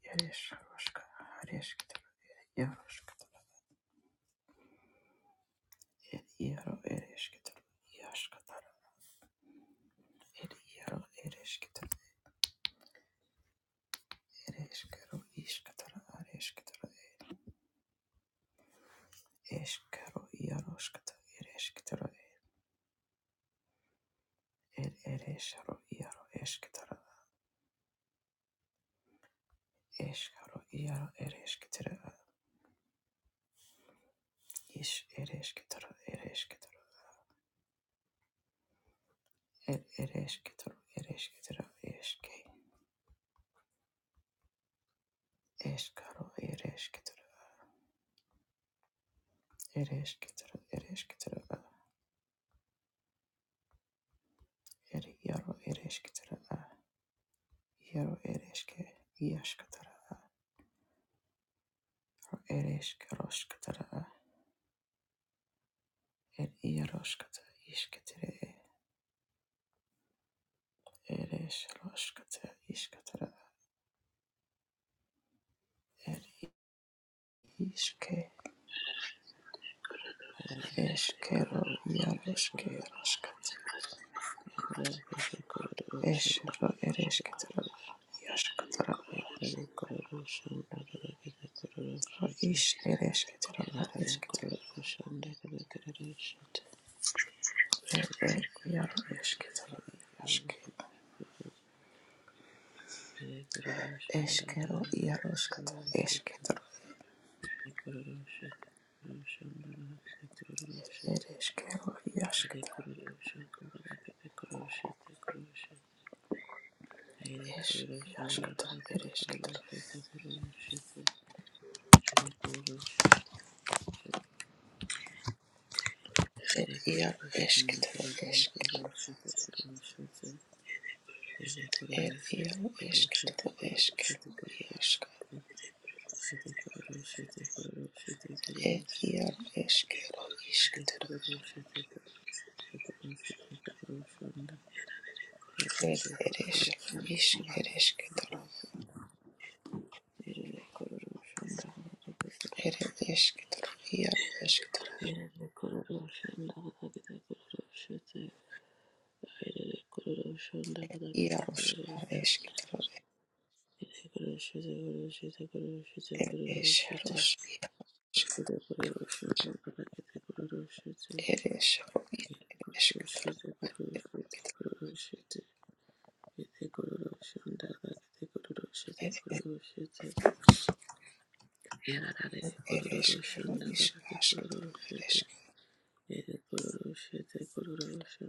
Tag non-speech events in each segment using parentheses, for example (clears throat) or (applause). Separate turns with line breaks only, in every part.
Ereshkigal, Ereshkigal, Yaroshkigal, Yaro, Ereshkigal, Yashkigal, Yaro, Ereshkigal, Ereshkigal, Ishkigal, Ereshkigal, Eshkigal, Yaroshkigal, Ereshkigal, Eresharo, Yaro, Eshkigal, Eshkaro, Yaro, Ereshkigal, Ish, Ereshkigal, Ereshkigal, Ereshkigal, Ereshkigal, Eshke, Eshkaro, Ereshkigal, Ereshkigal, Ereshkigal, Eri yaro ereshkitere Iero ereshke iaskatara, ereshke roshkatara, er iaroshkata ishketere, eresh roshkata ishkatara, er ishke eshkero iaroshke roshkat, eshro ereshketara, iaskatara, ish ereshketara, areshketara, er er iaro eshketara, iaske, eshkero iaroshkata, eshketara, ereshkero iashketara
Shit. Aire
Es
kuruluşan
iascatara,
dağına kadar
erescatara,
kuruluşu, kuruluşu, aire kuruluşu,
er
aire
iaro,
kuruluşan dağına kadar kuruluşu, kuruluşu, aire kuruluşu, kuruluşu, kuruluşu, kuruluşu, aire
escatara,
kuruluşu,
escatara,
kuruluşu, kuruluşu, aire
er iaro, escatara,
kuruluşu,
escatara, iasca, er
kuruluşu,
iaro, escatara, iscatara,
kuruluşu, kuruluşan da
er
yarare
erescatara,
kuruluşan,
isc, erescatara,
kuruluşan, aire kuruluşan dağına kadar
er escatara, iaro, escatara,
Ayerere kororoshe ndakadakete kororoshe te ayerere kororoshe ndakadakete
iaros,
kororoshe ayerere
arescatara,
kororoshe te kororoshe te
er
kororoshe te kororoshe te
esaros,
ayerere kororoshe ndakadakete kororoshe te
eresaro, is,
ayerere kororoshe
erescatara,
te kororoshe te kororoshe te ayerere kororoshe ndakadakete kororoshe te kororoshe te ayerere kororoshe ndakadakete kororoshe te
er
ayerere kororoshe te
erescaro, is, ascatara, erescatara,
kororoshe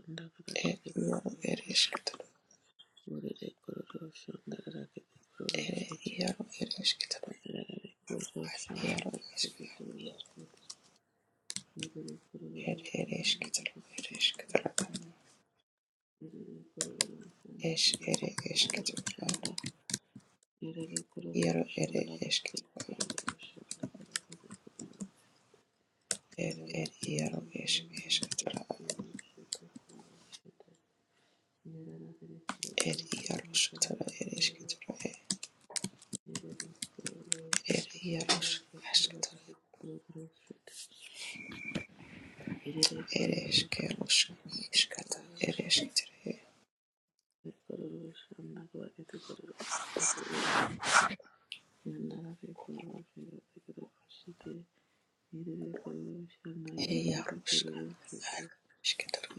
er
ndakadakete
iaro,
kororoshe
erescatara,
Kurere kororo shanda rakete kororo
er
shete
iaro, erescatara,
rakete kororo shanda
Askero
rakete kororo shete yerere kororo
ere
shanda
esketoro
rakete kororo shanda
ere esketoro
yerere kororo shanda
es ere
rakete kororo
esketoro
shanda yerere kororo
iero ere
shanda rakete kororo shanda rakete kororo yerere kororo shanda rakete
esketoro er er iero es esketoro
kororo shete kororo shete yerere kororo
er iero
shanda rakete
sketoro ere
kororo
esketoro
Thank
er iero esketoro ere eskero eskata ere esketoro er iero esketoro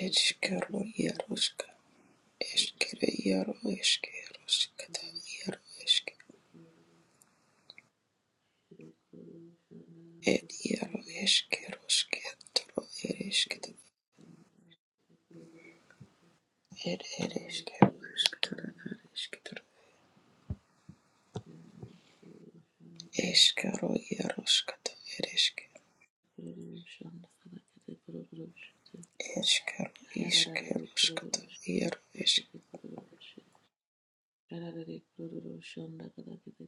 eskero iero eskere iero eskero skata Ed iaro eskero sketoro ed esketoro
you.
ed
Yararare
eskero sketoro ed eskero iaro
kururu shanda
iaro esk
kada kete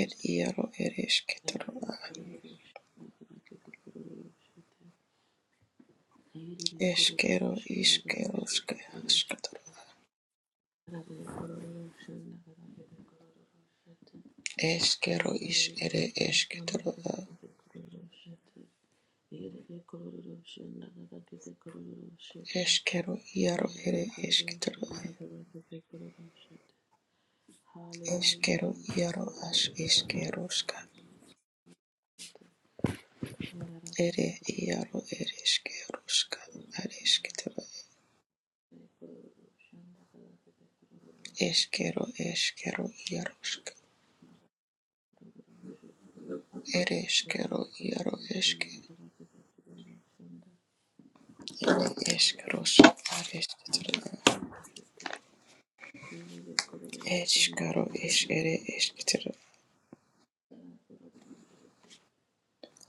ed iaro ed eskero iskero eskero is ere esketoro
kururu shete. Yerere kororo shanda kakakete kororo shete.
eskero iaro
Yerere
ere
kororo
esketoro
shanda kakakete kororo shete. Hallelujah,
eskero
Jesus.
iaro as
Yerere kororo Yerere
eskero
kororo
ere iaro ereskeroska
shanda
aresketeba
kororo shanda kakakete kororo shete
eskero eskero iaroska
kororo shete. Yerere
ereskero iaro
kororo
eske
shanda kakakete kororo shanda. Yerere kororo shanda kakete kororo shete. Yerere
ere
kororo shanda kakakete kororo
eskeros aresketeba eskaro es ere esketeba
shanda kororo shete.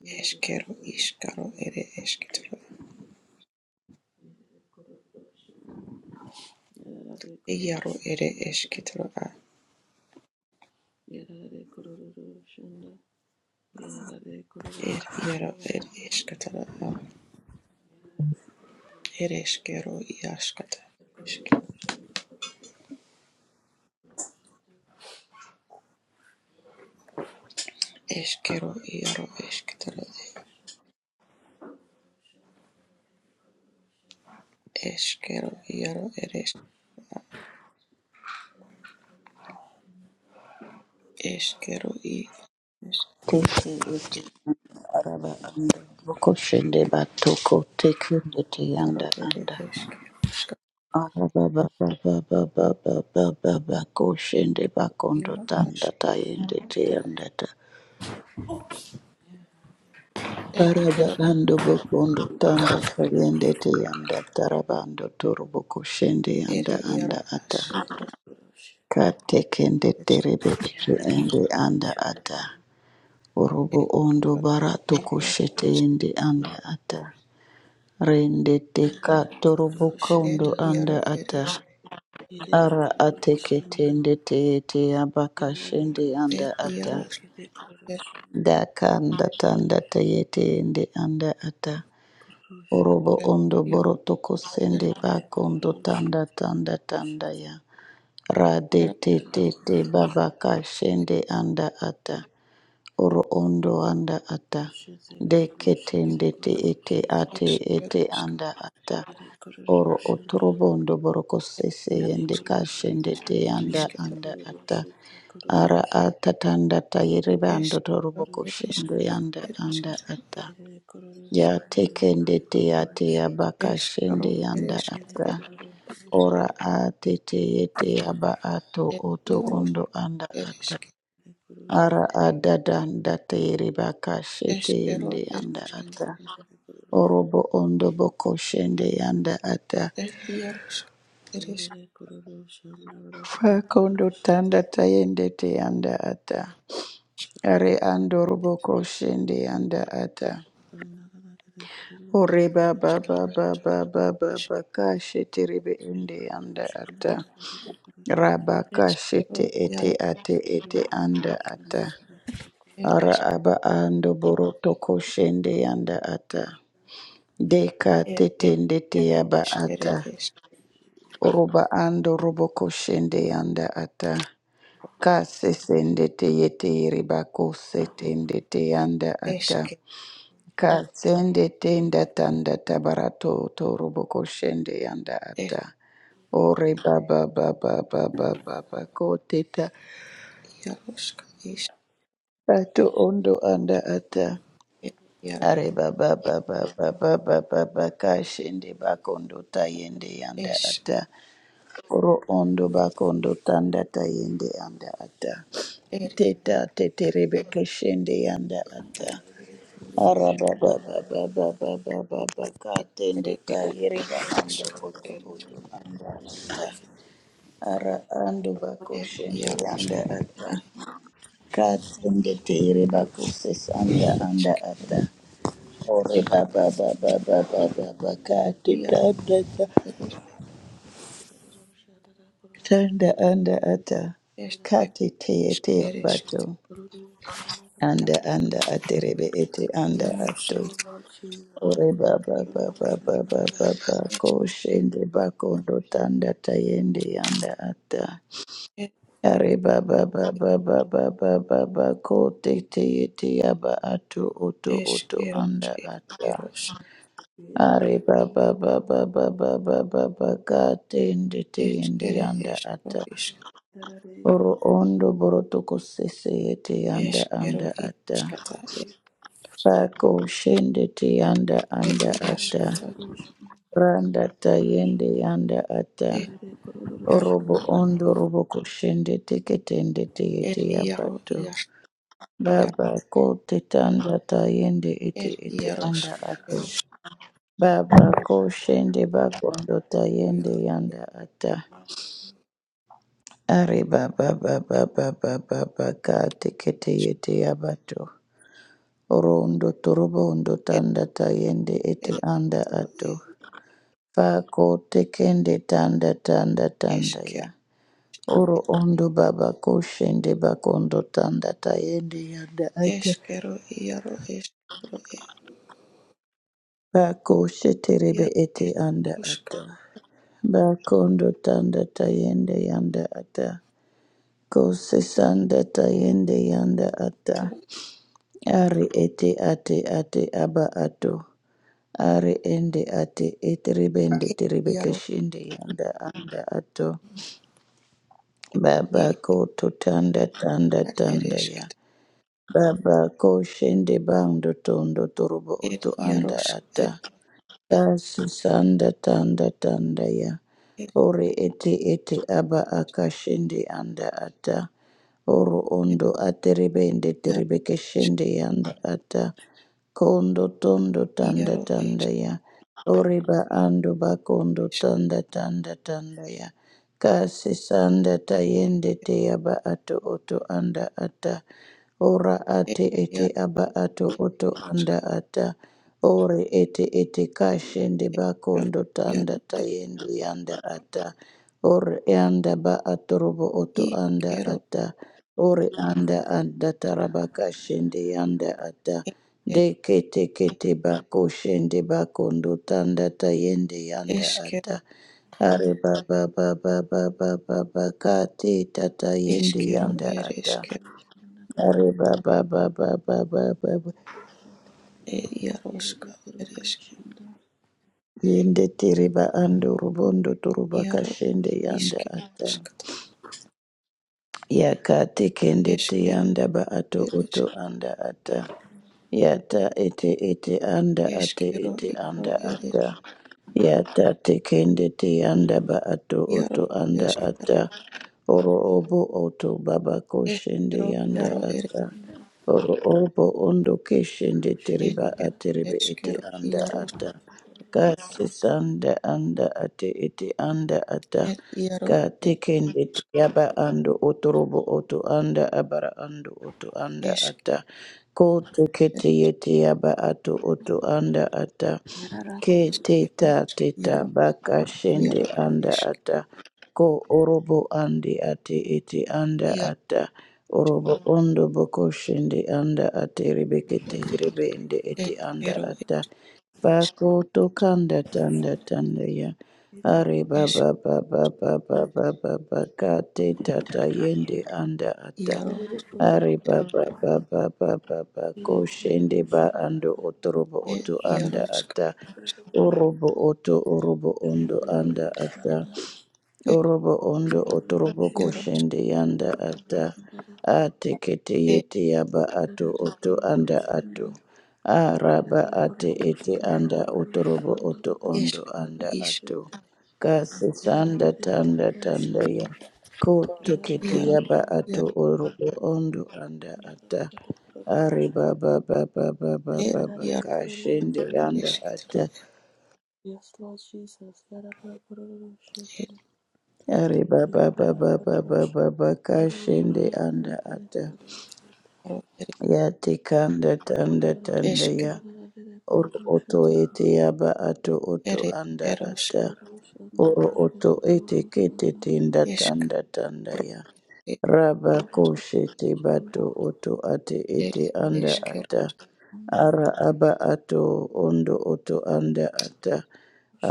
Yerere
eskero
kororo
iskaro
shanda
ere esketeba
kararara kororo shanda yerere
iaro
kororo
ere
shanda
esketeba
yerere kororo shanda kararara yerere kororo
er
shanda
iaro
yerere
er esketeba ereskero iaskata
kororo shanda kararara
eskero iaro esketeba eskero iaro eres Eskero i
Teke ete anda araba anda boko shende batoko teke ete
eskero
anda
ere
anda
eskero aska
araba ba ba ba ba ba ba ba ba ba ko shende bakondo
eskero
tanda
astro
tayende te anda ta araba
eskero
ando bokondo tanda tayende te anda taraba ando toro boko shende
ere
anda
iaro
anda ata
astro
kororo
ka
shanda
teke nde terebe ete
kararara
ende anda ata orobo ondo
eskero
bara toko
iaro
shete ende anda ata Rende teka torobo
kororo
kondo
esker
shanda
iaro
anda
ere
ata
yerere kororo shanda yerere
ara
kororo
ateke
shanda
tende teyete abaka
yerere
shende anda
esker
ata
kararara
iaro
kororo
esker
shanda
dakanda tanda teyete ende anda ata
kororo shanda
orobo ondo
iaro
boro toko sende
ere
yerere
bakondo
kororo
tanda tanda tanda ya rade
eskero iaro ere esker
te te
shanda
te babaka shende anda ata oro ondo anda ata
Rushetse kuri rushetse
Deketendete
kuri
ete
rushetse
ate
eskero
ete
aska
anda ata
ere kuri
Oro
rushanda
otorobondo boroko sese
iaro
ere
yende
aska
kuri rushetse
kashende te
kuri
esker
yanda
rushetse
isketero
anda
kuri
ata
rushetse kuri
ara
rushetse
atatanda tayerebando
eskero
toroboko
ere
shendo
rushanda
esketero
yanda
ere
anda
esketero
ata
ere kuri
ya
rushanda
tekende
rushetse
te
kuri
ate
rushetse
yabaka
eskero
shende
ere
yanda
ere
ata
esketero
kuri rushanda
ora atete yete
ere
yaba ato
ere
oto
iaro
ondo anda
ere
ata
esker
kuri rushanda
ara adadanda teyerebaka shete
Eskero
yende
rushetse
yanda
eresketa
ata
kuri rushetse
orobo ondo boko shende yanda ata
erdiaroska eresk
ere kuri rushanda rushetse kuri rushetse rushanda rushetse kuri rushanda rushetse kuri rushanda rushetse
Pakondo
kuri rushanda
tanda tayende te anda ata. Are ando robo koshende anda ata. Ore ba ba ba ba ba ba ba ba ka shete rebe ende anda ata. Raba ka
eskero
shete ete
jaro
ate ete anda ata. Ara
eresk
aba ando boroto koshende anda ata. Deka
er
tetende te
eskero
aba
eskere
ata.
esk
Oroba ando robo shende yanda ata. Ka sesende te yete yereba ko setende te yanda ata.
eske
Ka sende tenda tanda tabarato to robo shende yanda
es
ata. Ore baba baba baba baba ko teta
jaroska isk
tato ondo anda ata.
er jaro
Are baba baba baba baba baba ka shende bakondo tayende yanda
esk
ata. Oro ondo bakondo tanda tayende anda ata.
er
Teta teterebe keshende yanda ata. Araba baba baba baba baba katende
eskere eskero
tayereba ando
aska
oto
eres
oto anda ata. Ara ando
er
bakoshende yanda
jaroska
ata. Katende tayereba koses anda anda
ereskero
ata. Ore baba baba baba baba kate
ja
tanda
eres
Tanda anda ata
eskero
kati te
isk
ete bato
eresketa
anda anda aterebe ete
er
anda ato
jaroska
Oh Lord Jesus,
ore baba baba baba baba ko
esk
shende bakondo tanda tayende anda ata
er
are baba baba baba baba bako te te ete aba ato oto oto anda
eskeros
ata
eskeros
are baba baba baba baba baka tende tende
Eskere
anda
eskro
ata
isk
Oro ondo borotoko sese yete yanda
eskero
anda ata.
iaskata
Yarara
er
kururu,
Pako shende te yanda
er
anda ata.
iaskata
Randa ta yende yanda ata.
er iar
Orobo ondo robo koshende teketende te
er
yete
iaro
yabato.
ias iaro
Baba ko te tanda ta yende
er
ete ete
iarosk
anda
er
ato.
is-
Baba ko shende bakondo ta yende
iaro
yanda ata. Are baba baba baba baba ka tekete
isk
yete yabato. Orondo torobondo
er
tanda tayende
er
ete anda
esketoro
ato.
er
Fako tekende tanda tanda tanda ya.
eskero
Oro
er
ondo baba koshende bakondo tanda tayende yanda ata.
eskero iaro esketoro er
Fako sheterebe
iaro
ete anda
eskrosk
ata. Bakondo tanda tayende yanda ata. Kose sanda tayende yanda ata.
toro
Ari ete ate ate aba ato. Ari ende ate eteribende
er iaro
teribekeshende yanda anda ato.
er
Baba ko to tanda tanda
er er
tanda ya. Baba ko shende bando tondo torobo
er
oto anda
iarosk
ata.
er
Tasi sanda tanda tanda ya.
er
Ore ete ete aba akashende anda ata. Oro
er
ondo aterebe ende
iaro
terebe keshende yanda ata. Kondo tondo tanda
iaro es
tanda ya. Ore ba ando ba kondo tanda tanda tanda ya kasi sanda tayende te aba ato oto anda ata ora
er
ate ete aba ato oto
iarosk
anda ata ore ete ete kashende
Eskero,
bakondo tanda
iaro, er,
tayende yanda ata ore yanda ba atorobo oto anda
iskero,
ata ore anda anda taraba kashende yanda ata
er,
de kete kete bako shende bakondo tanda tayende yanda
esker,
ata Ari baba baba baba baba kati tata yindi
eskero,
yanda
er,
ata.
esker,
Ari baba baba baba baba
er, iaroska, er, esker,
yindi tiriba andu rubondo turuba
iaro,
kashende yanda
iskero,
ata.
eskero,
Yakati kende
esker,
tiyanda ba ato
er,
oto
esker,
anda ata. Yata ete ete anda ate
eskero,
ete
iaro,
anda
er, es-
ata. Yata tekende tiyanda ba ato
iaro,
oto anda
esker,
ata. Oro obo oto baba koshende
eskero,
yanda
iaro, er,
ata. Oro obo ondo keshende teriba
esker,
ateribe ete
eskero,
anda
iaro,
ata. Kati sanda anda ate ete anda ata
er, iaro,
kati
es-
kendi yaba ando otorobo oto anda abara ando oto anda
esker,
ata koto kete yete yaba ato oto anda ata
yarara
ke
eskero,
teta
eskero,
teta
iaro,
baka shende
iaro,
anda
eskero,
ata ko orobo andi ate ete anda
iaro,
ata orobo ondo boko shende anda ate rebekete rebe ende ete anda
eskero,
ata pako tokanda tanda tanda ya are
eskero,
baba baba baba baba baka te tata yende anda ata
iaro,
are baba baba baba bako shende ba ando otorobo
Yes,
et
oto anda
yarosk
ata orobo oto orobo ondo anda ata
et
Orobo ondo otorobo
yaros
koshende yanda ata atekete
et
yete yaba ato oto anda ato araba ate ete anda otorobo oto ondo
eskaro
anda
isk
ato kasi sanda tanda tanda ya ko
et
tekete
yaros
yaba ato
yar
orobo ondo anda ata ari baba baba baba
et
baba
yaro
kashende yanda
esketro
ata
Lord Jesus. Yes,
et
Ari baba baba baba baba kashende anda
Lord
ata
Jesus.
yaro et
ya tekanda tanda tanda
esk
ya oro oto ete yaba ato oto
et
anda
erosk
ata oro oto ete kete tenda
esk
tanda tanda
ro
ya
et
raba koshete bato oto ate
et
ete anda
esker
Amen.
ata ara aba ato ondo oto anda ata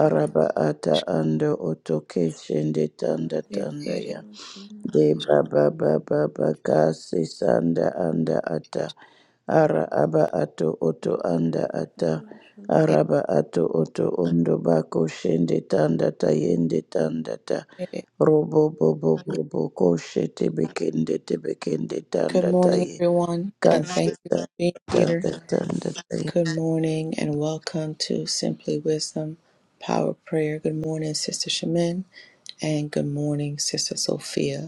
araba ata ando oto keshende tanda
et
tanda
et et
ya De baba baba baka sanda anda ata ara aba ato oto anda ata araba ato oto ondo bako shende tanda tayende tanda ta
et
robo bobo bobo koshe tebekende tebekende
Good
tanda
morning,
taye
everyone, and
kasi
thank you
Sanda
for being here.
tanda tanda taye.
Good morning, and welcome to Simply Wisdom Power Prayer. Good morning, Sister Shemin, and good morning, Sister Sophia.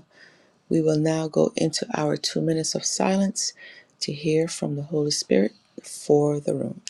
We will now go into our two minutes of silence to hear from the Holy Spirit for the room.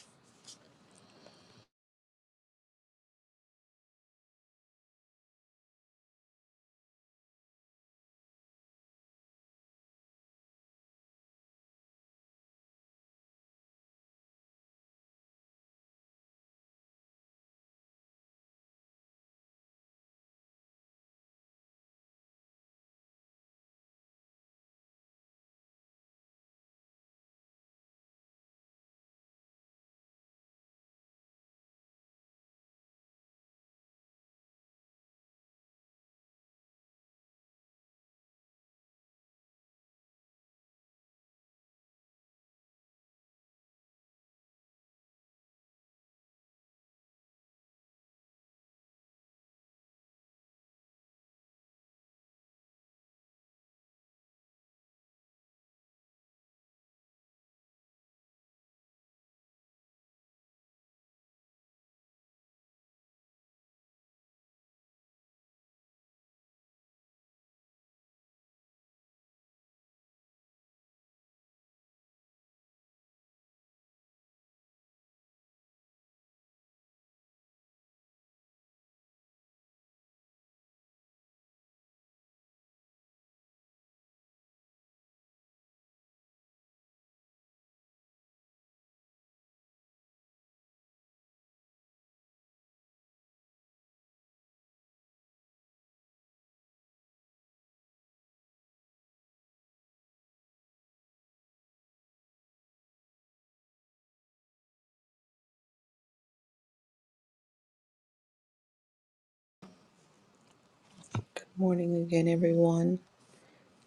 Good morning again, everyone.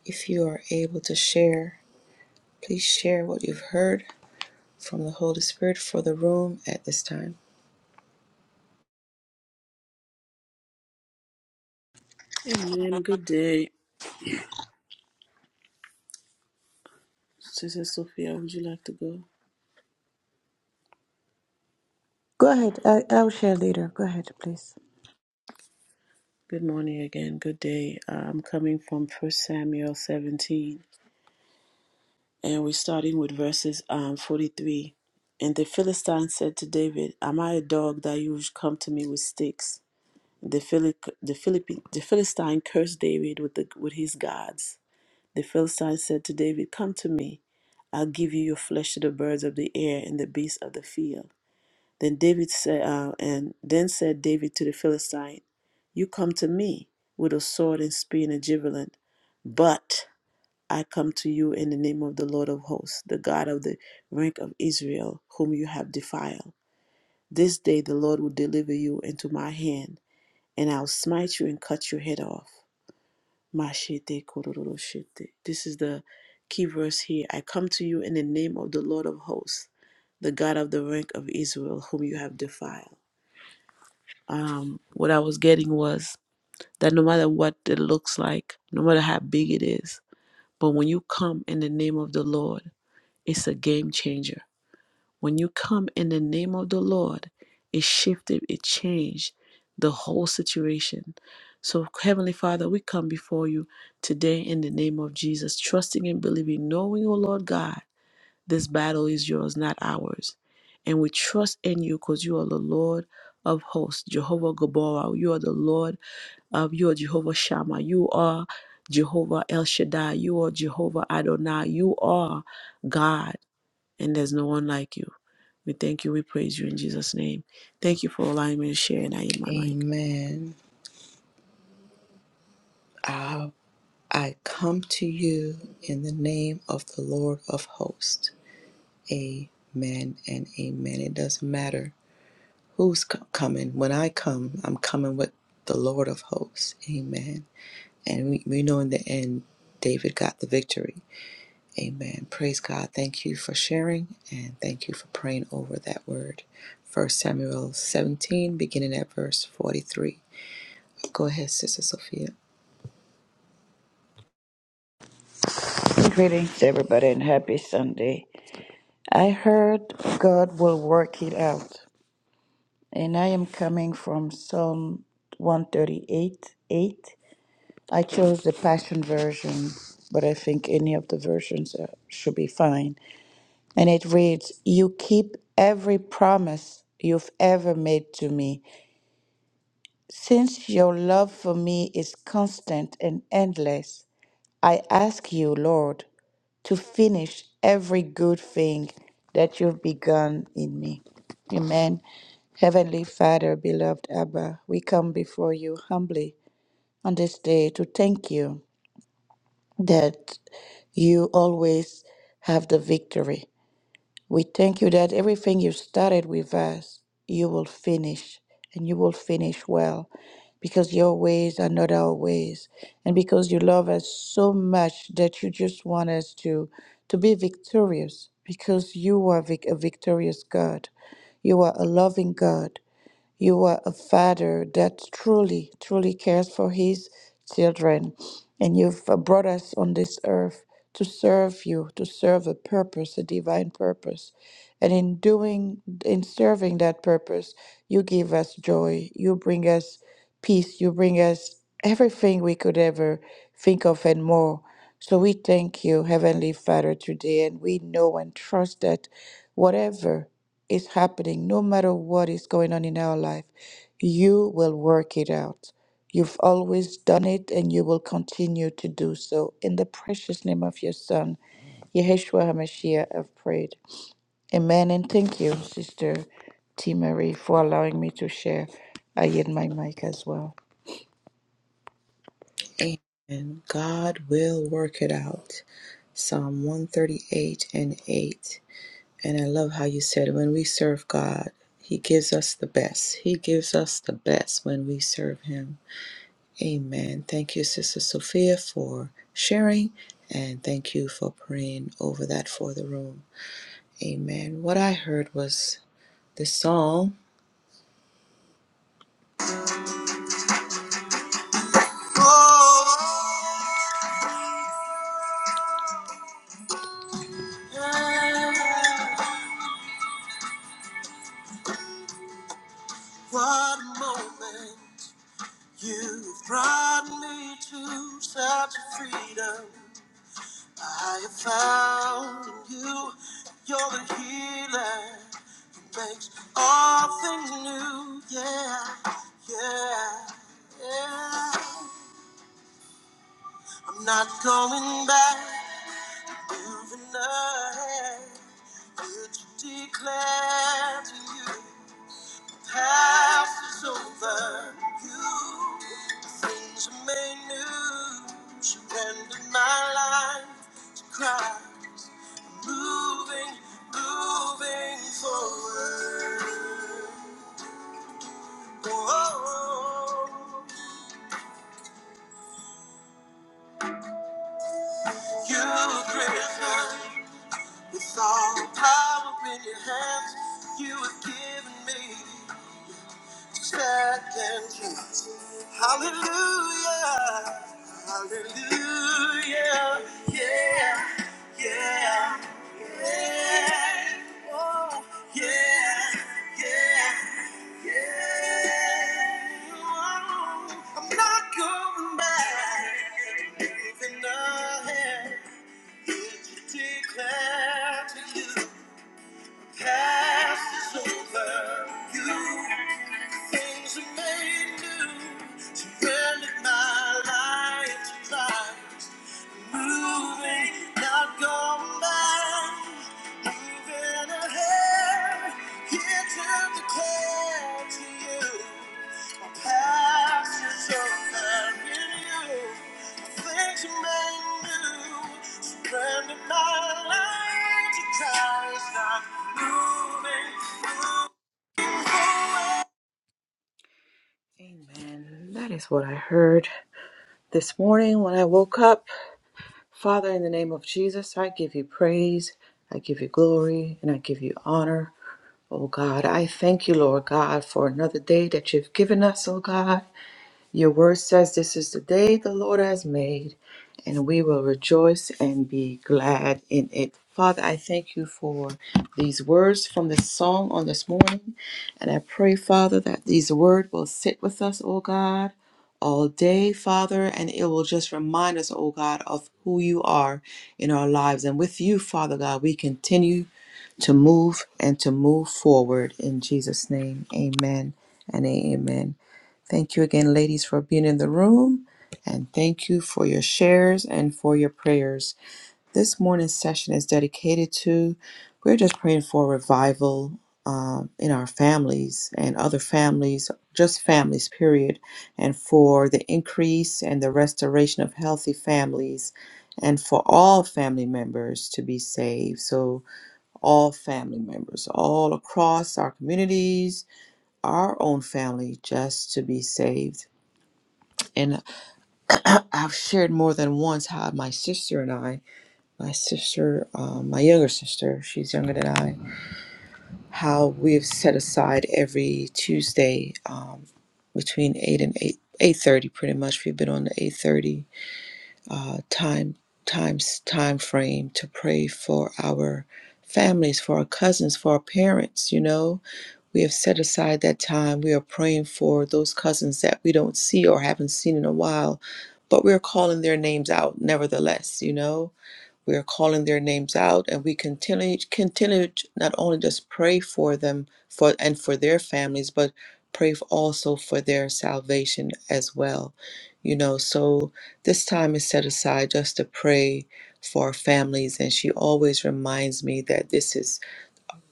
If you are able to share, please share what you've heard from the Holy Spirit for the room at this time.
Good day, Sister Sophia. Would you like to go?
Go ahead. I, I'll share later. Go ahead, please.
Good morning again. Good day. Uh, I'm coming from First Samuel 17. and we're starting with verses um, 43. And the Philistine said to David, Am I a dog that you should come to me with sticks? The, Phili- the, Philippi- the Philistine cursed David with, the, with his gods. The Philistine said to David, Come to me. I'll give you your flesh to the birds of the air and the beasts of the field. Then David said, uh, and then said David to the Philistine, You come to me with a sword and spear and a javelin, but I come to you in the name of the Lord of hosts, the God of the rank of Israel, whom you have defiled. This day the Lord will deliver you into my hand, and I'll smite you and cut your head off. Mashete kororoshete. This is the key verse here. I come to you in the name of the Lord of hosts, the God of the rank of Israel, whom you have defiled. Um, what I was getting was that no matter what it looks like, no matter how big it is, but when you come in the name of the Lord, It's a game changer. When you come in the name of the Lord, it shifted, it changed the whole situation. So, Heavenly Father, we come before you today in the name of Jesus, trusting and believing, knowing, O Lord God, this battle is yours, not ours. And we trust in you because you are the Lord of hosts, Jehovah Gabora. You are the Lord of, you are Jehovah Shammah. You are Jehovah El Shaddai. You are Jehovah Adonai. You are God and there's no one like you. We thank you. We praise you in Jesus' name. Thank you for allowing me to share, and I yield my mic.
Amen. I I come to you in the name of the Lord of hosts. Amen and amen. It doesn't matter who's co- coming. When I come, I'm coming with the Lord of hosts. Amen. And we, we know in the end, David got the victory. Amen. Praise God. Thank you for sharing and thank you for praying over that word. 1 Samuel 17, beginning at verse 43. Go ahead, Sister Sophia.
Greetings, everybody, and happy Sunday. I heard God will work it out. and I am coming from Psalm 138 8. I chose the Passion Version, but I think any of the versions uh, should be fine. And it reads You keep every promise you've ever made to me. Since your love for me is constant and endless, I ask you, Lord, to finish every good thing that you've begun in me. Amen. Heavenly Father, beloved Abba, we come before you humbly on this day to thank you that you always have the victory. We thank you that everything you started with us, you will finish, and you will finish well, because your ways are not our ways, and because you love us so much that you just want us to, to be victorious, because you are vic- a victorious God. You are a loving God. You are a father that truly, truly cares for his children. And you've uh, brought us on this earth to serve you, to serve a purpose, a divine purpose. And in doing, in serving that purpose, you give us joy. You bring us peace. You bring us everything we could ever think of and more. So we thank you, Heavenly Father, today. And we know and trust that whatever is happening, no matter what is going on in our life, you will work it out. You've always done it and you will continue to do so. In the precious name of your son, Yeshua HaMashiach, I've prayed. Amen. And thank you, Sister T. Marie, for allowing me to share. I yield my mic as well.
Amen. God will work it out. Psalm 138 and 8. And I love how you said, when we serve God, He gives us the best. He gives us the best when we serve Him. Amen. Thank you, Sister Sophia, for sharing, and thank you for praying over that for the room. Amen. What I heard was this song. What moment you've brought me to such freedom I have found in you. You're the healer. makes all things new. Yeah, yeah, yeah. I'm not going back, moving ahead. Would you declare to you, the past is over. You, things are made new. Surrendered my life to Christ. I'm Moving, moving forward. Whoa, you greater with all power in your hands, you have given me. Second chance. Hallelujah. Hallelujah. Yeah. Yeah. Yeah. Oh, yeah. Yeah. Yeah. Oh, I'm not going back. Even though I had to declare to you. Past is over. You things are made new. Surrendered my life to Christ. Moving, not going back. Moving ahead. Here to declare to you my past is over in you. Things you made new. Surrender my life to Christ. I'm moving. moving. Amen. That is what I heard this morning when I woke up. Father, in the name of Jesus, I give you praise, I give you glory, and I give you honor. Oh God, I thank you, Lord God, for another day that you've given us, oh God. Your word says, This is the day the Lord has made, and we will rejoice and be glad in it. Father, I thank you for these words from this song on this morning. And I pray, Father, that these words will sit with us, O God, all day, Father, and it will just remind us, O God, of who you are in our lives. And with you, Father God, we continue to move and to move forward. In Jesus' name, amen and amen. Thank you again, ladies, for being in the room. And thank you for your shares and for your prayers. This morning's session is dedicated to, we're just praying for revival um, in our families and other families, just families, period, and for the increase and the restoration of healthy families and for all family members to be saved. So, all family members, all across our communities, our own family, just to be saved and (clears throat) I've shared more than once how my sister and I, my sister, um, my younger sister, she's younger than I, how we've set aside every Tuesday um, between eight and eight eight thirty, pretty much. We've been on the eight thirty uh, time times time frame to pray for our families, for our cousins, for our parents. You know, we have set aside that time. We are praying for those cousins that we don't see or haven't seen in a while, but we're calling their names out nevertheless, you know? We are calling their names out and we continue continue to not only just pray for them for and for their families, but pray f- also for their salvation as well. You know, so this time is set aside just to pray for our families and she always reminds me that this is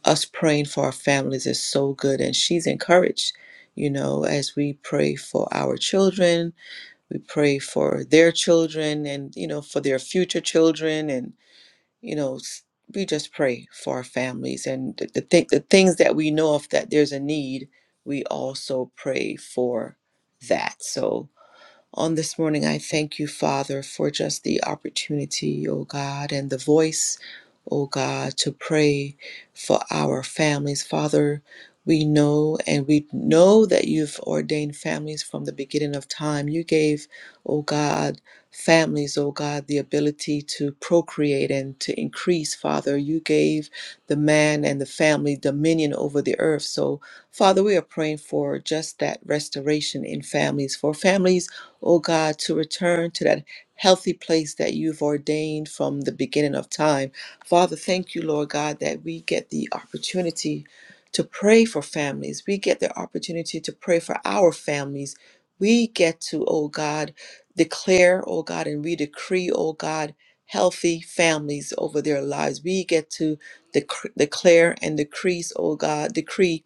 us praying for our families is so good and she's encouraged you know as we pray for our children we pray for their children and you know for their future children and you know s- we just pray for our families and the, the, thi- the things that we know of that there's a need we also pray for that so on this morning. I thank you, Father, for just the opportunity, O God, and the voice, O God, to pray for our families. Father, we know and we know that you've ordained families from the beginning of time. You gave, O God, families, O God, the ability to procreate and to increase, Father. You gave the man and the family dominion over the earth. So, Father, we are praying for just that restoration in families, for families oh God, to return to that healthy place that you've ordained from the beginning of time. Father, thank you, Lord God, that we get the opportunity to pray for families. We get the opportunity to pray for our families. We get to, oh God, declare, oh God, and we decree, oh God, healthy families over their lives. We get to dec- declare and decrease, oh God, decree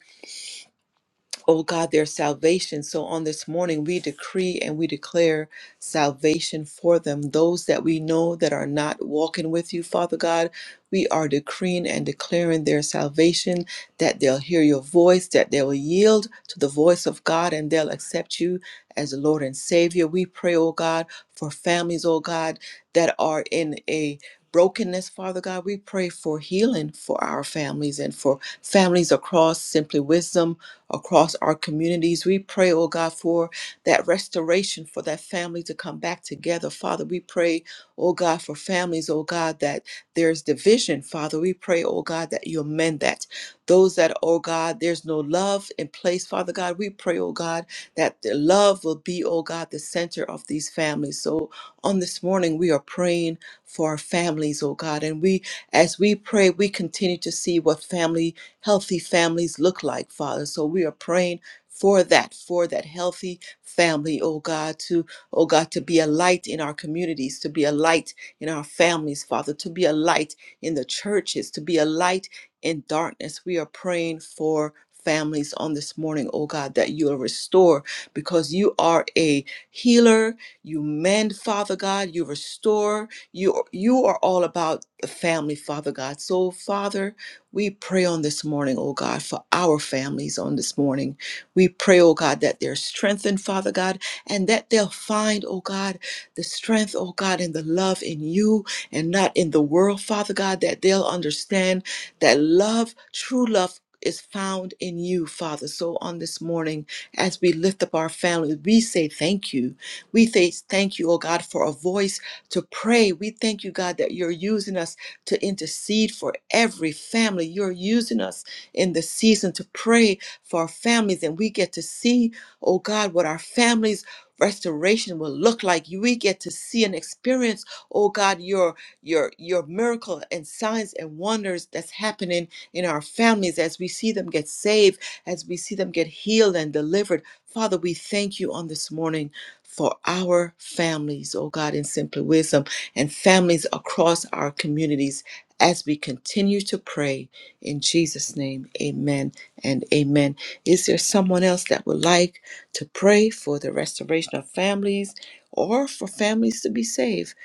oh God, their salvation. So on this morning, we decree and we declare salvation for them. Those that we know that are not walking with you, Father God, we are decreeing and declaring their salvation, that they'll hear your voice, that they will yield to the voice of God, and they'll accept you as Lord and Savior. We pray, oh God, for families, oh God, that are in a brokenness, Father God. We pray for healing for our families and for families across Simply Wisdom across our communities. We pray, oh God, for that restoration, for that family to come back together. Father, we pray, oh God, for families, oh God, that there's division. Father, we pray, oh God, that you amend that. Those that, oh God, there's no love in place, Father God, we pray, oh God, that the love will be, oh God, the center of these families. So on this morning, we are praying for our families, oh God, and we as we pray, we continue to see what family healthy families look like, Father. So we are praying for that, for that healthy family, oh God, to, oh God, to be a light in our communities, to be a light in our families, Father, to be a light in the churches, to be a light in darkness. We are praying for families on this morning, oh God, that you will restore because you are a healer, you mend, Father God, you restore, you you are all about the family, Father God. So, Father, we pray on this morning, oh God, for our families on this morning. We pray, oh God, that they're strengthened, Father God, and that they'll find, oh God, the strength, oh God, and the love in you and not in the world, Father God, that they'll understand that love, true love, is found in you, Father. So on this morning, as we lift up our families, we say thank you. We say thank you, oh God, for a voice to pray. We thank you, God, that you're using us to intercede for every family. You're using us in the season to pray for our families, and we get to see, oh God, what our families. Restoration will look like you. We get to see and experience, oh God, your your your miracle and signs and wonders that's happening in our families as we see them get saved, as we see them get healed and delivered. Father, we thank you on this morning for our families, oh God, in Simply Wisdom and families across our communities as we continue to pray in Jesus' name. Amen and amen. Is there someone else that would like to pray for the restoration of families or for families to be saved?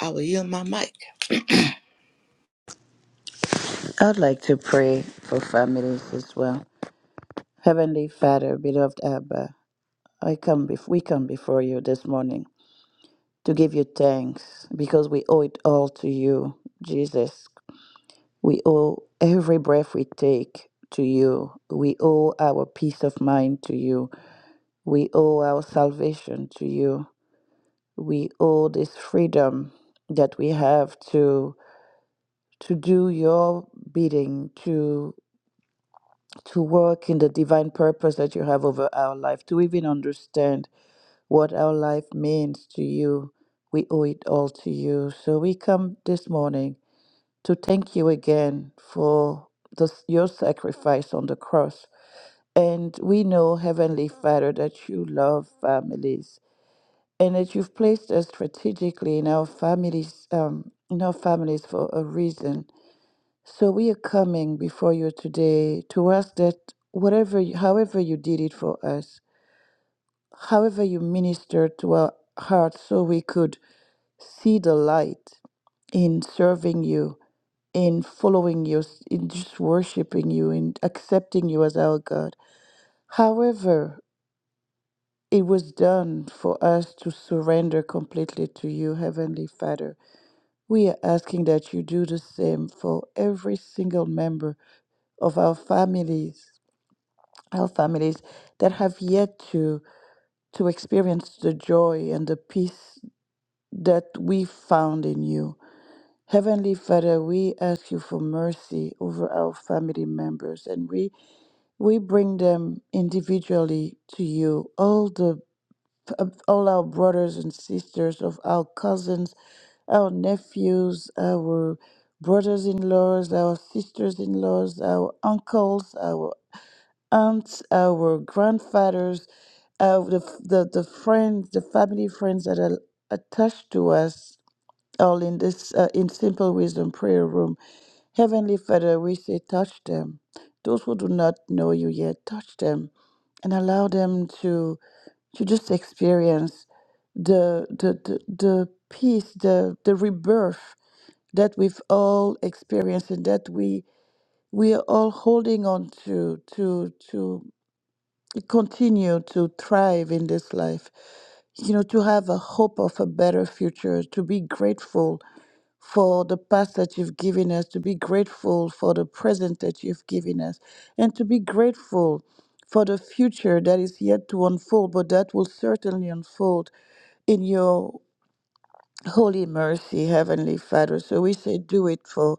I will yield my mic.
I'd like to pray for families as well. Heavenly Father, beloved Abba, I come bef- we come before you this morning. to give you thanks because we owe it all to you, Jesus. We owe every breath we take to you. We owe our peace of mind to you. We owe our salvation to you. We owe this freedom that we have to to do your bidding, to to work in the divine purpose that you have over our life, to even understand what our life means to you. We owe it all to you. So we come this morning to thank you again for this, your sacrifice on the cross. And we know, Heavenly Father, that you love families and that you've placed us strategically in our families, um, in our families for a reason. So we are coming before you today to ask that whatever, you- however you did it for us, however you ministered to our hearts, so we could see the light in serving you in following you, in just worshiping you, in accepting you as our God. However, it was done for us to surrender completely to you, Heavenly Father. We are asking that you do the same for every single member of our families, our families that have yet to to experience the joy and the peace that we found in you. Heavenly Father, we ask you for mercy over our family members and we We bring them individually to you, all the um, all our brothers and sisters of our cousins, our nephews, our brothers-in-laws, our sisters-in-laws, our uncles, our aunts, our grandfathers, uh, the, the the friends, the family friends that are attached to us all in this uh, in simple wisdom prayer room. Heavenly Father, we say, touch them. Those who do not know you yet, touch them and allow them to to just experience the the the, the peace, the the rebirth that we've all experienced and that we we are all holding on to to to continue to thrive in this life you know to have a hope of a better future to be grateful for the past that you've given us, to be grateful for the present that you've given us, and to be grateful for the future that is yet to unfold, but that will certainly unfold in your Holy mercy, Heavenly Father. So we say, do it for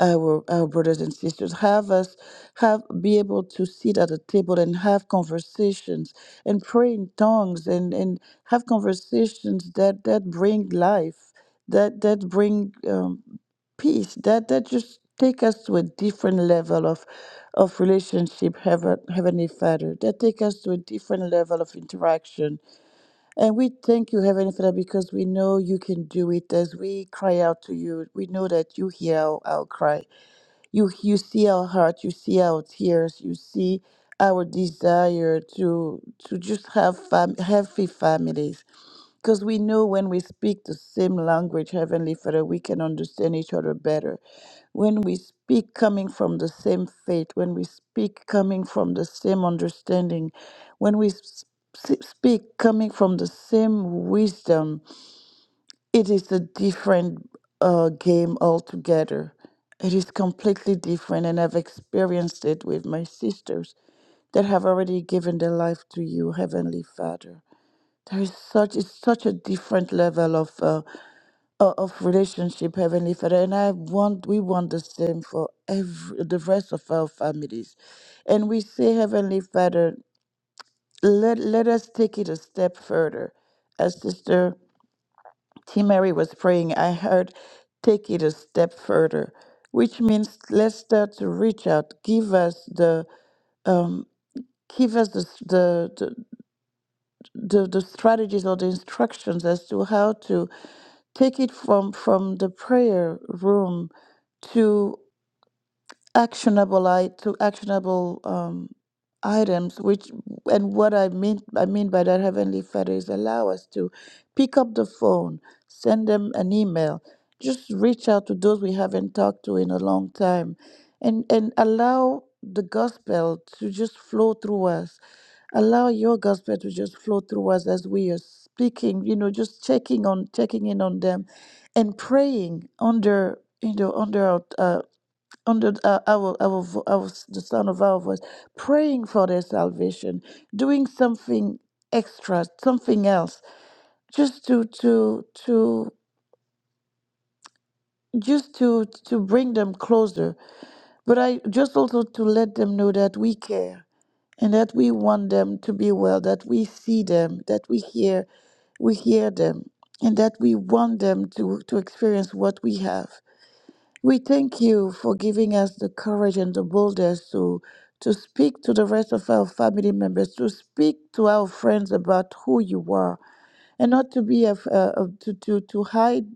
our our brothers and sisters. Have us have be able to sit at a table and have conversations and pray in tongues and and have conversations that that bring life, that that bring um, peace, that that just take us to a different level of of relationship, Heaven, Heavenly Father. That take us to a different level of interaction and we thank you, Heavenly Father, because we know you can do it as we cry out to you. We know that you hear our, our cry. You you see our heart, you see our tears, you see our desire to to just have fam- healthy families. Because we know when we speak the same language, Heavenly Father, we can understand each other better. When we speak coming from the same faith, when we speak coming from the same understanding, when we s- s- speak coming from the same wisdom, it is a different uh, game altogether. It is completely different, and I've experienced it with my sisters that have already given their life to you, Heavenly Father. There is such it's such a different level of uh, o- of relationship, Heavenly Father, and I want we want the same for every the rest of our families, and we say, Heavenly Father, let let us take it a step further, as Sister. T. Mary was praying, I heard, take it a step further, which means let's start to reach out. Give us the um, give us the, s- the, the the the strategies or the instructions as to how to take it from from the prayer room actionable i to actionable um, items which and what i mean i mean by that heavenly father is allow us to pick up the phone send them an email just reach out to those we haven't talked to in a long time and and allow the gospel to just flow through us allow your gospel to just flow through us as we are speaking you know just checking on checking in on them and praying under you know under our uh, under uh, our, our vo- our s- the sound of our voice, praying for their salvation, doing something extra, something else, just to to to just to to bring them closer. But I just also to let them know that we care and that we want them to be well, that we see them, that we hear we hear them, and that we want them to to experience what we have. We thank you for giving us the courage and the boldness to, to speak to the rest of our family members, to speak to our friends about who you are, and not to be af- uh, uh, to, to to hide,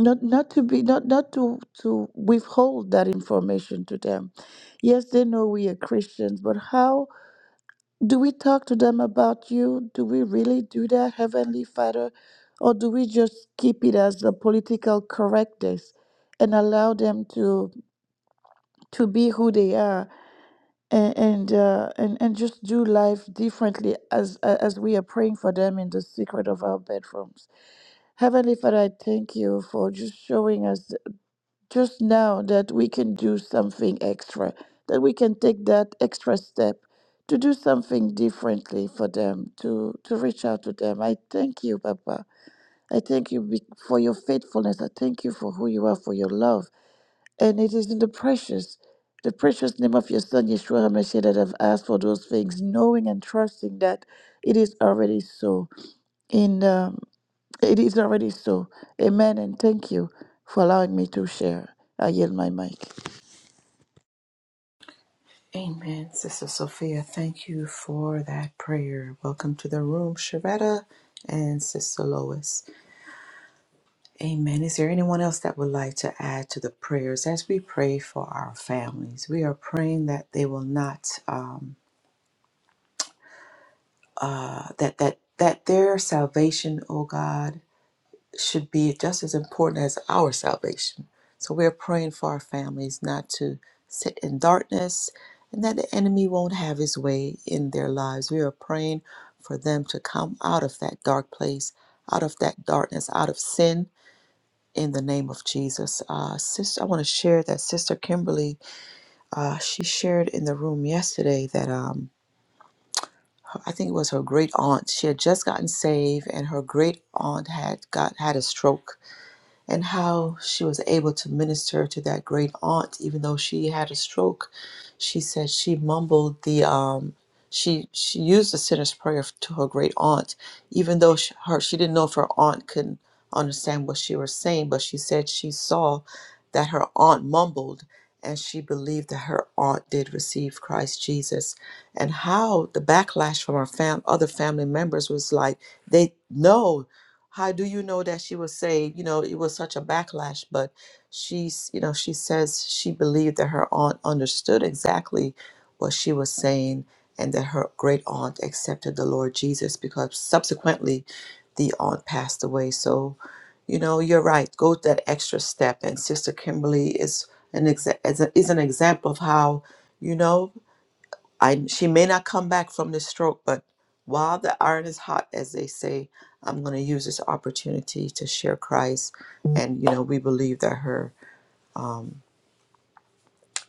not not to be not not to to withhold that information to them. Yes, they know we are Christians, but how do we talk to them about you? Do we really do that, Heavenly Father, or do we just keep it as a political correctness and allow them to? to be who they are and and uh, and, and just do life differently as as we are praying for them in the secret of our bedrooms. Heavenly Father, I thank you for just showing us just now that we can do something extra, that we can take that extra step to do something differently for them, to to reach out to them. I thank you, Papa. I thank you be- for your faithfulness. I thank you for who you are, for your love. And it is in the precious, the precious name of your Son, Yeshua HaMashiach, that I've asked for those things, knowing and trusting that it is already so. In um, It is already so. Amen. And thank you for allowing me to share. I yield my mic.
Amen. Sister Sophia, thank you for that prayer. Welcome to the room, Sharetta and Sister Lois. Amen. Is there anyone else that would like to add to the prayers as we pray for our families? We are praying that they will not um, uh, that that that their salvation, oh God, should be just as important as our salvation. So we are praying for our families not to sit in darkness, and that the enemy won't have his way in their lives. We are praying for them to come out of that dark place, out of that darkness, out of sin in the name of Jesus. Uh, sister, I want to share that Sister Kimberly, uh, she shared in the room yesterday that um, I think it was her great aunt. She had just gotten saved, and her great aunt had got had a stroke and how she was able to minister to that great aunt, even though she had a stroke. She said she mumbled the um, she she used the sinner's prayer f- to her great aunt, even though she, her she didn't know if her aunt could understand what she was saying, but she said she saw that her aunt mumbled. And she believed that her aunt did receive Christ Jesus, and how the backlash from her fam- other family members was like, they know how do you know that she was saved? You know, it was such a backlash, but she's, you know, she says she believed that her aunt understood exactly what she was saying and that her great aunt accepted the Lord Jesus because subsequently the aunt passed away. So, you know, you're right. Go that extra step. And Sister Kimberly is an, exa- is, a, is an example of how, you know, I she may not come back from this stroke, but while the iron is hot, as they say, I'm going to use this opportunity to share Christ. And you know, we believe that her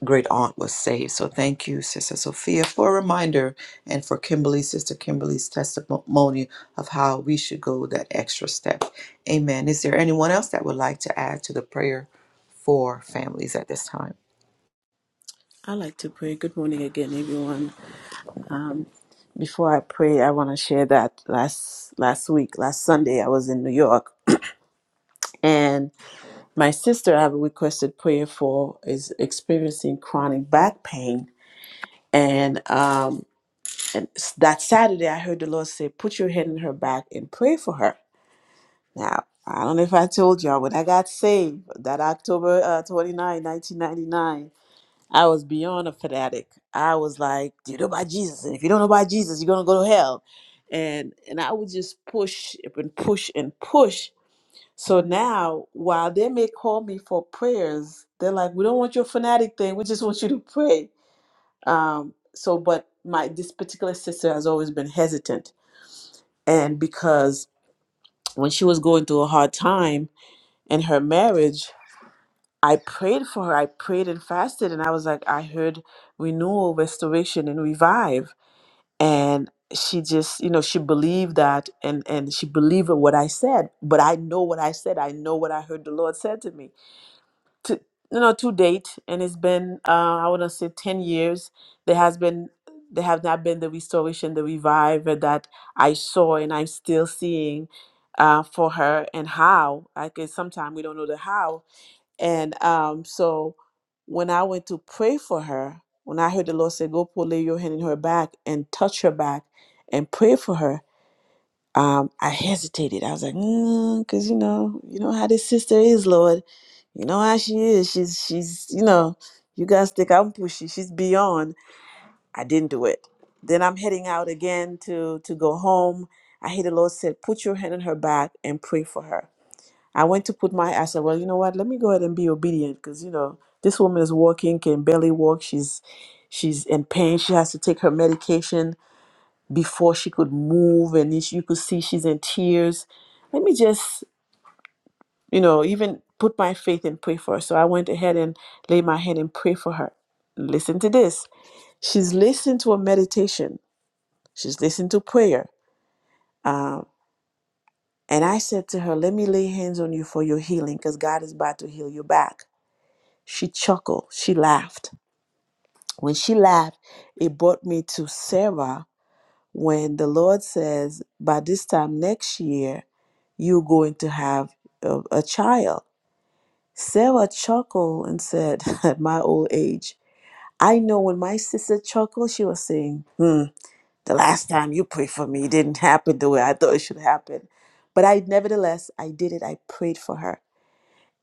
great aunt was saved. So thank you, Sister Sophia, for a reminder and for Kimberly, Sister Kimberly's testimony of how we should go that extra step. Amen. Is there anyone else that would like to add to the prayer for families at this time?
I like to pray. Good morning again, everyone. Um, before I pray, I want to share that last last week, last Sunday, I was in New York, and my sister I have requested prayer for is experiencing chronic back pain, and um, and s- that Saturday I heard the Lord say, "Put your hand in her back and pray for her." Now, I don't know if I told y'all, when I got saved that October uh, 29, 1999, I was beyond a fanatic. I was like, Do you know about Jesus? And if you don't know about Jesus, you're going to go to hell. And, and I would just push and push and push. So now, while they may call me for prayers, they're like, We don't want your fanatic thing. We just want you to pray. Um, so, but my this particular sister has always been hesitant. And because when she was going through a hard time, in her marriage, I prayed for her. I prayed and fasted, and I was like, I heard renewal, restoration, and revive. And she just, you know, she believed that, and and she believed what I said. But I know what I said. I know what I heard the Lord said to me. To you know, to date, and it's been uh, I want to say ten years. There has been there have not been the restoration, the revive that I saw, and I'm still seeing uh, for her and how. Like sometimes we don't know the how, and um, so when I went to pray for her, when I heard the Lord say, Go put lay your hand in her back and touch her back and pray for her, um, I hesitated. I was like, because you know, you know how this sister is, Lord. You know how she is. She's she's, you know, you guys think I'm pushy. She's beyond. I didn't do it. Then I'm heading out again to to go home. I hear the Lord said, Put your hand on her back and pray for her. I went to put my, I said, well, you know what? Let me go ahead and be obedient because, you know, this woman is walking, can barely walk. She's, she's in pain. She has to take her medication before she could move. And it's- you could see she's in tears. Let me just, you know, even put my faith and pray for her. So I went ahead and laid my hand and pray for her. Listen to this. She's listened to a meditation. She's listened to prayer. Um, and I said to her, let me lay hands on you for your healing because God is about to heal you back. She chuckled, she laughed. When she laughed, it brought me to Sarah when the Lord says, By this time next year, you're going to have a, a child. Sarah chuckled and said, (laughs) At my old age, I know when my sister chuckled, she was saying, Hmm, the last time you prayed for me it didn't happen the way I thought it should happen. But I, nevertheless, I did it. I prayed for her.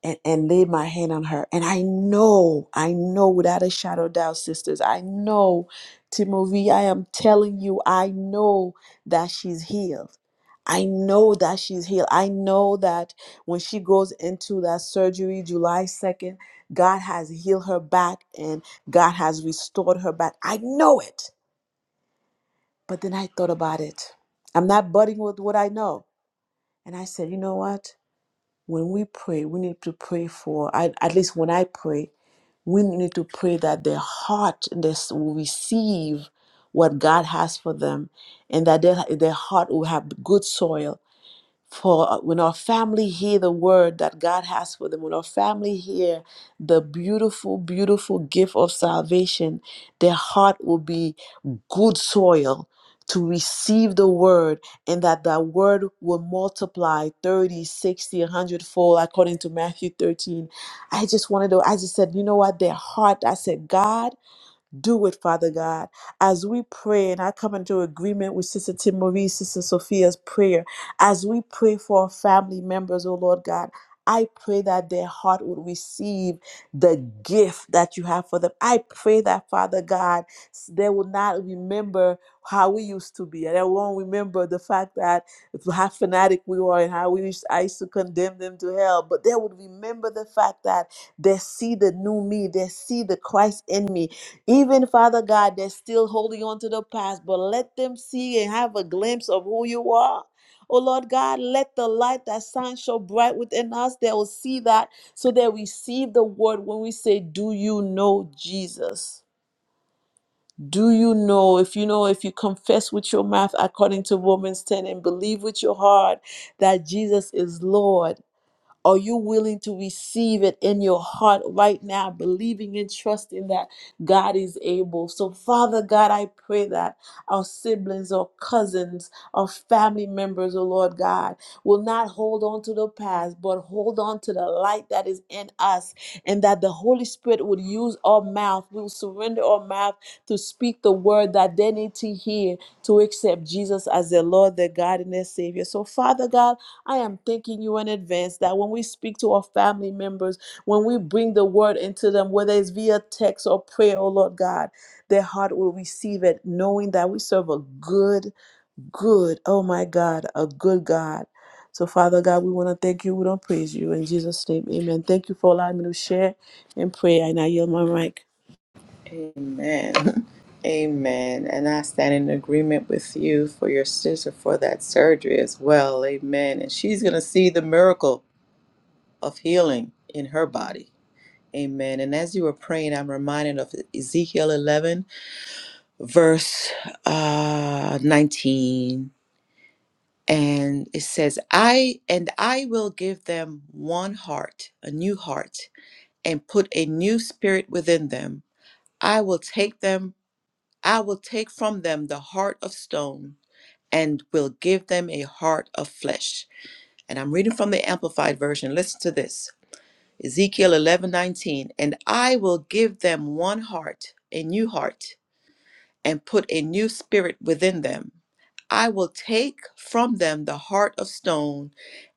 and, and laid my hand on her. And I know, I know without a shadow of doubt, sisters, I know, Timothy, I am telling you, I know that she's healed. I know that she's healed. I know that when she goes into that surgery July 2nd, God has healed her back and God has restored her back. I know it. But then I thought about it. I'm not budding with what I know. And I said, you know what? when we pray, we need to pray for, I, at least when I pray, we need to pray that their heart and this will receive what God has for them and that their, their heart will have good soil for uh, when our family hear the word that God has for them, when our family hear the beautiful, beautiful gift of salvation, their heart will be good soil to receive the word and that that word will multiply 30 60 100 fold according to matthew 13 i just wanted to i just said you know what their heart i said god do it, Father God. As we pray, and I come into agreement with Sister Tim Marie, Sister Sophia's prayer, as we pray for our family members, oh Lord God, I pray that their heart would receive the gift that you have for them. I pray that, Father God, s- they will not remember how we used to be. And they won't remember the fact that how fanatic we were and how we used, I used to condemn them to hell. But they would remember the fact that they see the new me, they see the Christ in me, even Father God, they're still holding on to the past, but let them see and have a glimpse of who you are. Oh Lord God, let the light that shines so bright within us, they will see that so they receive the word when we say, Do you know Jesus? Do you know if you know if you confess with your mouth according to Romans 10 and believe with your heart that Jesus is Lord? Are you willing to receive it in your heart right now, believing and trusting that God is able? So, Father God, I pray that our siblings or cousins or family members, oh Lord God, will not hold on to the past, but hold on to the light that is in us, and that the Holy Spirit would use our mouth, we will surrender our mouth to speak the word that they need to hear to accept Jesus as their Lord, their God, and their Savior. So, Father God, I am thanking you in advance that when we speak to our family members, when we bring the word into them, whether it's via text or prayer, oh Lord God, their heart will receive it, knowing that we serve a good, good, oh my God, a good God. So, Father God, we want to thank you. We don't praise you. In Jesus' name, amen. Thank you for allowing me to share and pray. And I yield my mic.
Amen. (laughs) Amen. And I stand in agreement with you for your sister for that surgery as well. Amen. And she's going to see the miracle of healing in her body. Amen. And as you were praying, I'm reminded of Ezekiel 11, verse uh, 19. And it says, I and I will give them one heart, a new heart, and put a new spirit within them. I will take them I will take from them the heart of stone and will give them a heart of flesh. And I'm reading from the Amplified Version. Listen to this Ezekiel 11 19. And I will give them one heart, a new heart, and put a new spirit within them. I will take from them the heart of stone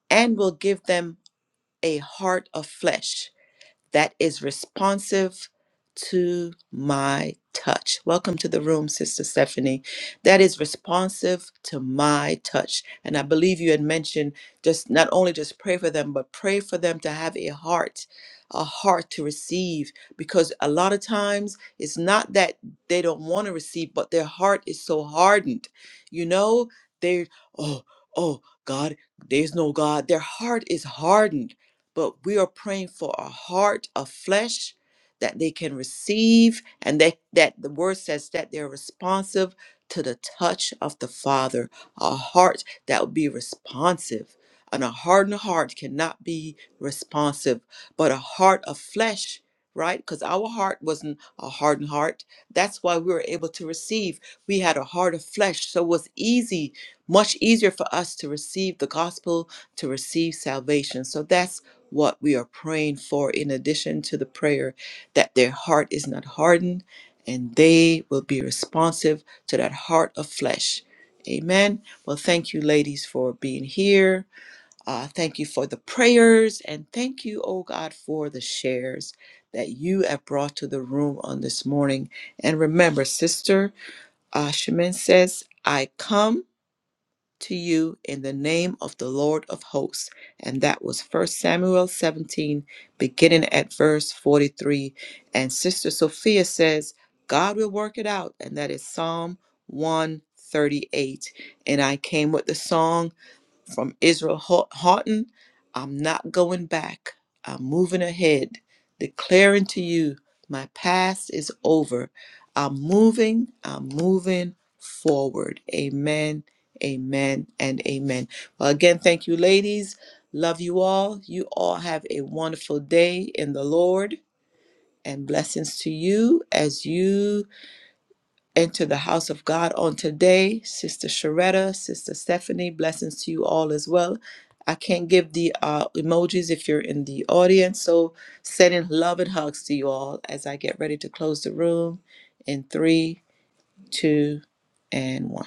and will give them a heart of flesh that is responsive to my touch. Welcome to the room, Sister Stephanie. That is responsive to my touch. And I believe you had mentioned just not only just pray for them, but pray for them to have a heart, a heart to receive. Because a lot of times it's not that they don't want to receive, but their heart is so hardened. You know, they're, oh, oh, God, there's no God. Their heart is hardened but we are praying for a heart of flesh that they can receive and that, that the word says that they're responsive to the touch of the Father, a heart that will be responsive. And a hardened heart cannot be responsive, but a heart of flesh, right? Because our heart wasn't a hardened heart. That's why we were able to receive. We had a heart of flesh. So it was easy, much easier for us to receive the gospel to receive salvation. So that's what we are praying for, in addition to the prayer that their heart is not hardened and they will be responsive to that heart of flesh. Amen. Well, thank you, ladies, for being here. Uh, thank you for the prayers and thank you, oh God, for the shares that you have brought to the room on this morning. And remember, Sister uh, Shemin says, I come to you in the name of the Lord of hosts. And that was First Samuel 17, beginning at verse 43. And Sister Sophia says, God will work it out. And that is Psalm 138. And I came with the song from Israel Hou- Houghton. I'm not going back. I'm moving ahead, declaring to you my past is over. I'm moving, I'm moving forward. Amen, amen, and amen. Well, again, thank you, ladies. Love you all. You all have a wonderful day in the Lord and blessings to you as you into the house of God on today. Sister Sharetta, Sister Stephanie, blessings to you all as well. I can't give the uh, emojis if you're in the audience, so sending love and hugs to you all as I get ready to close the room in three, two, and one.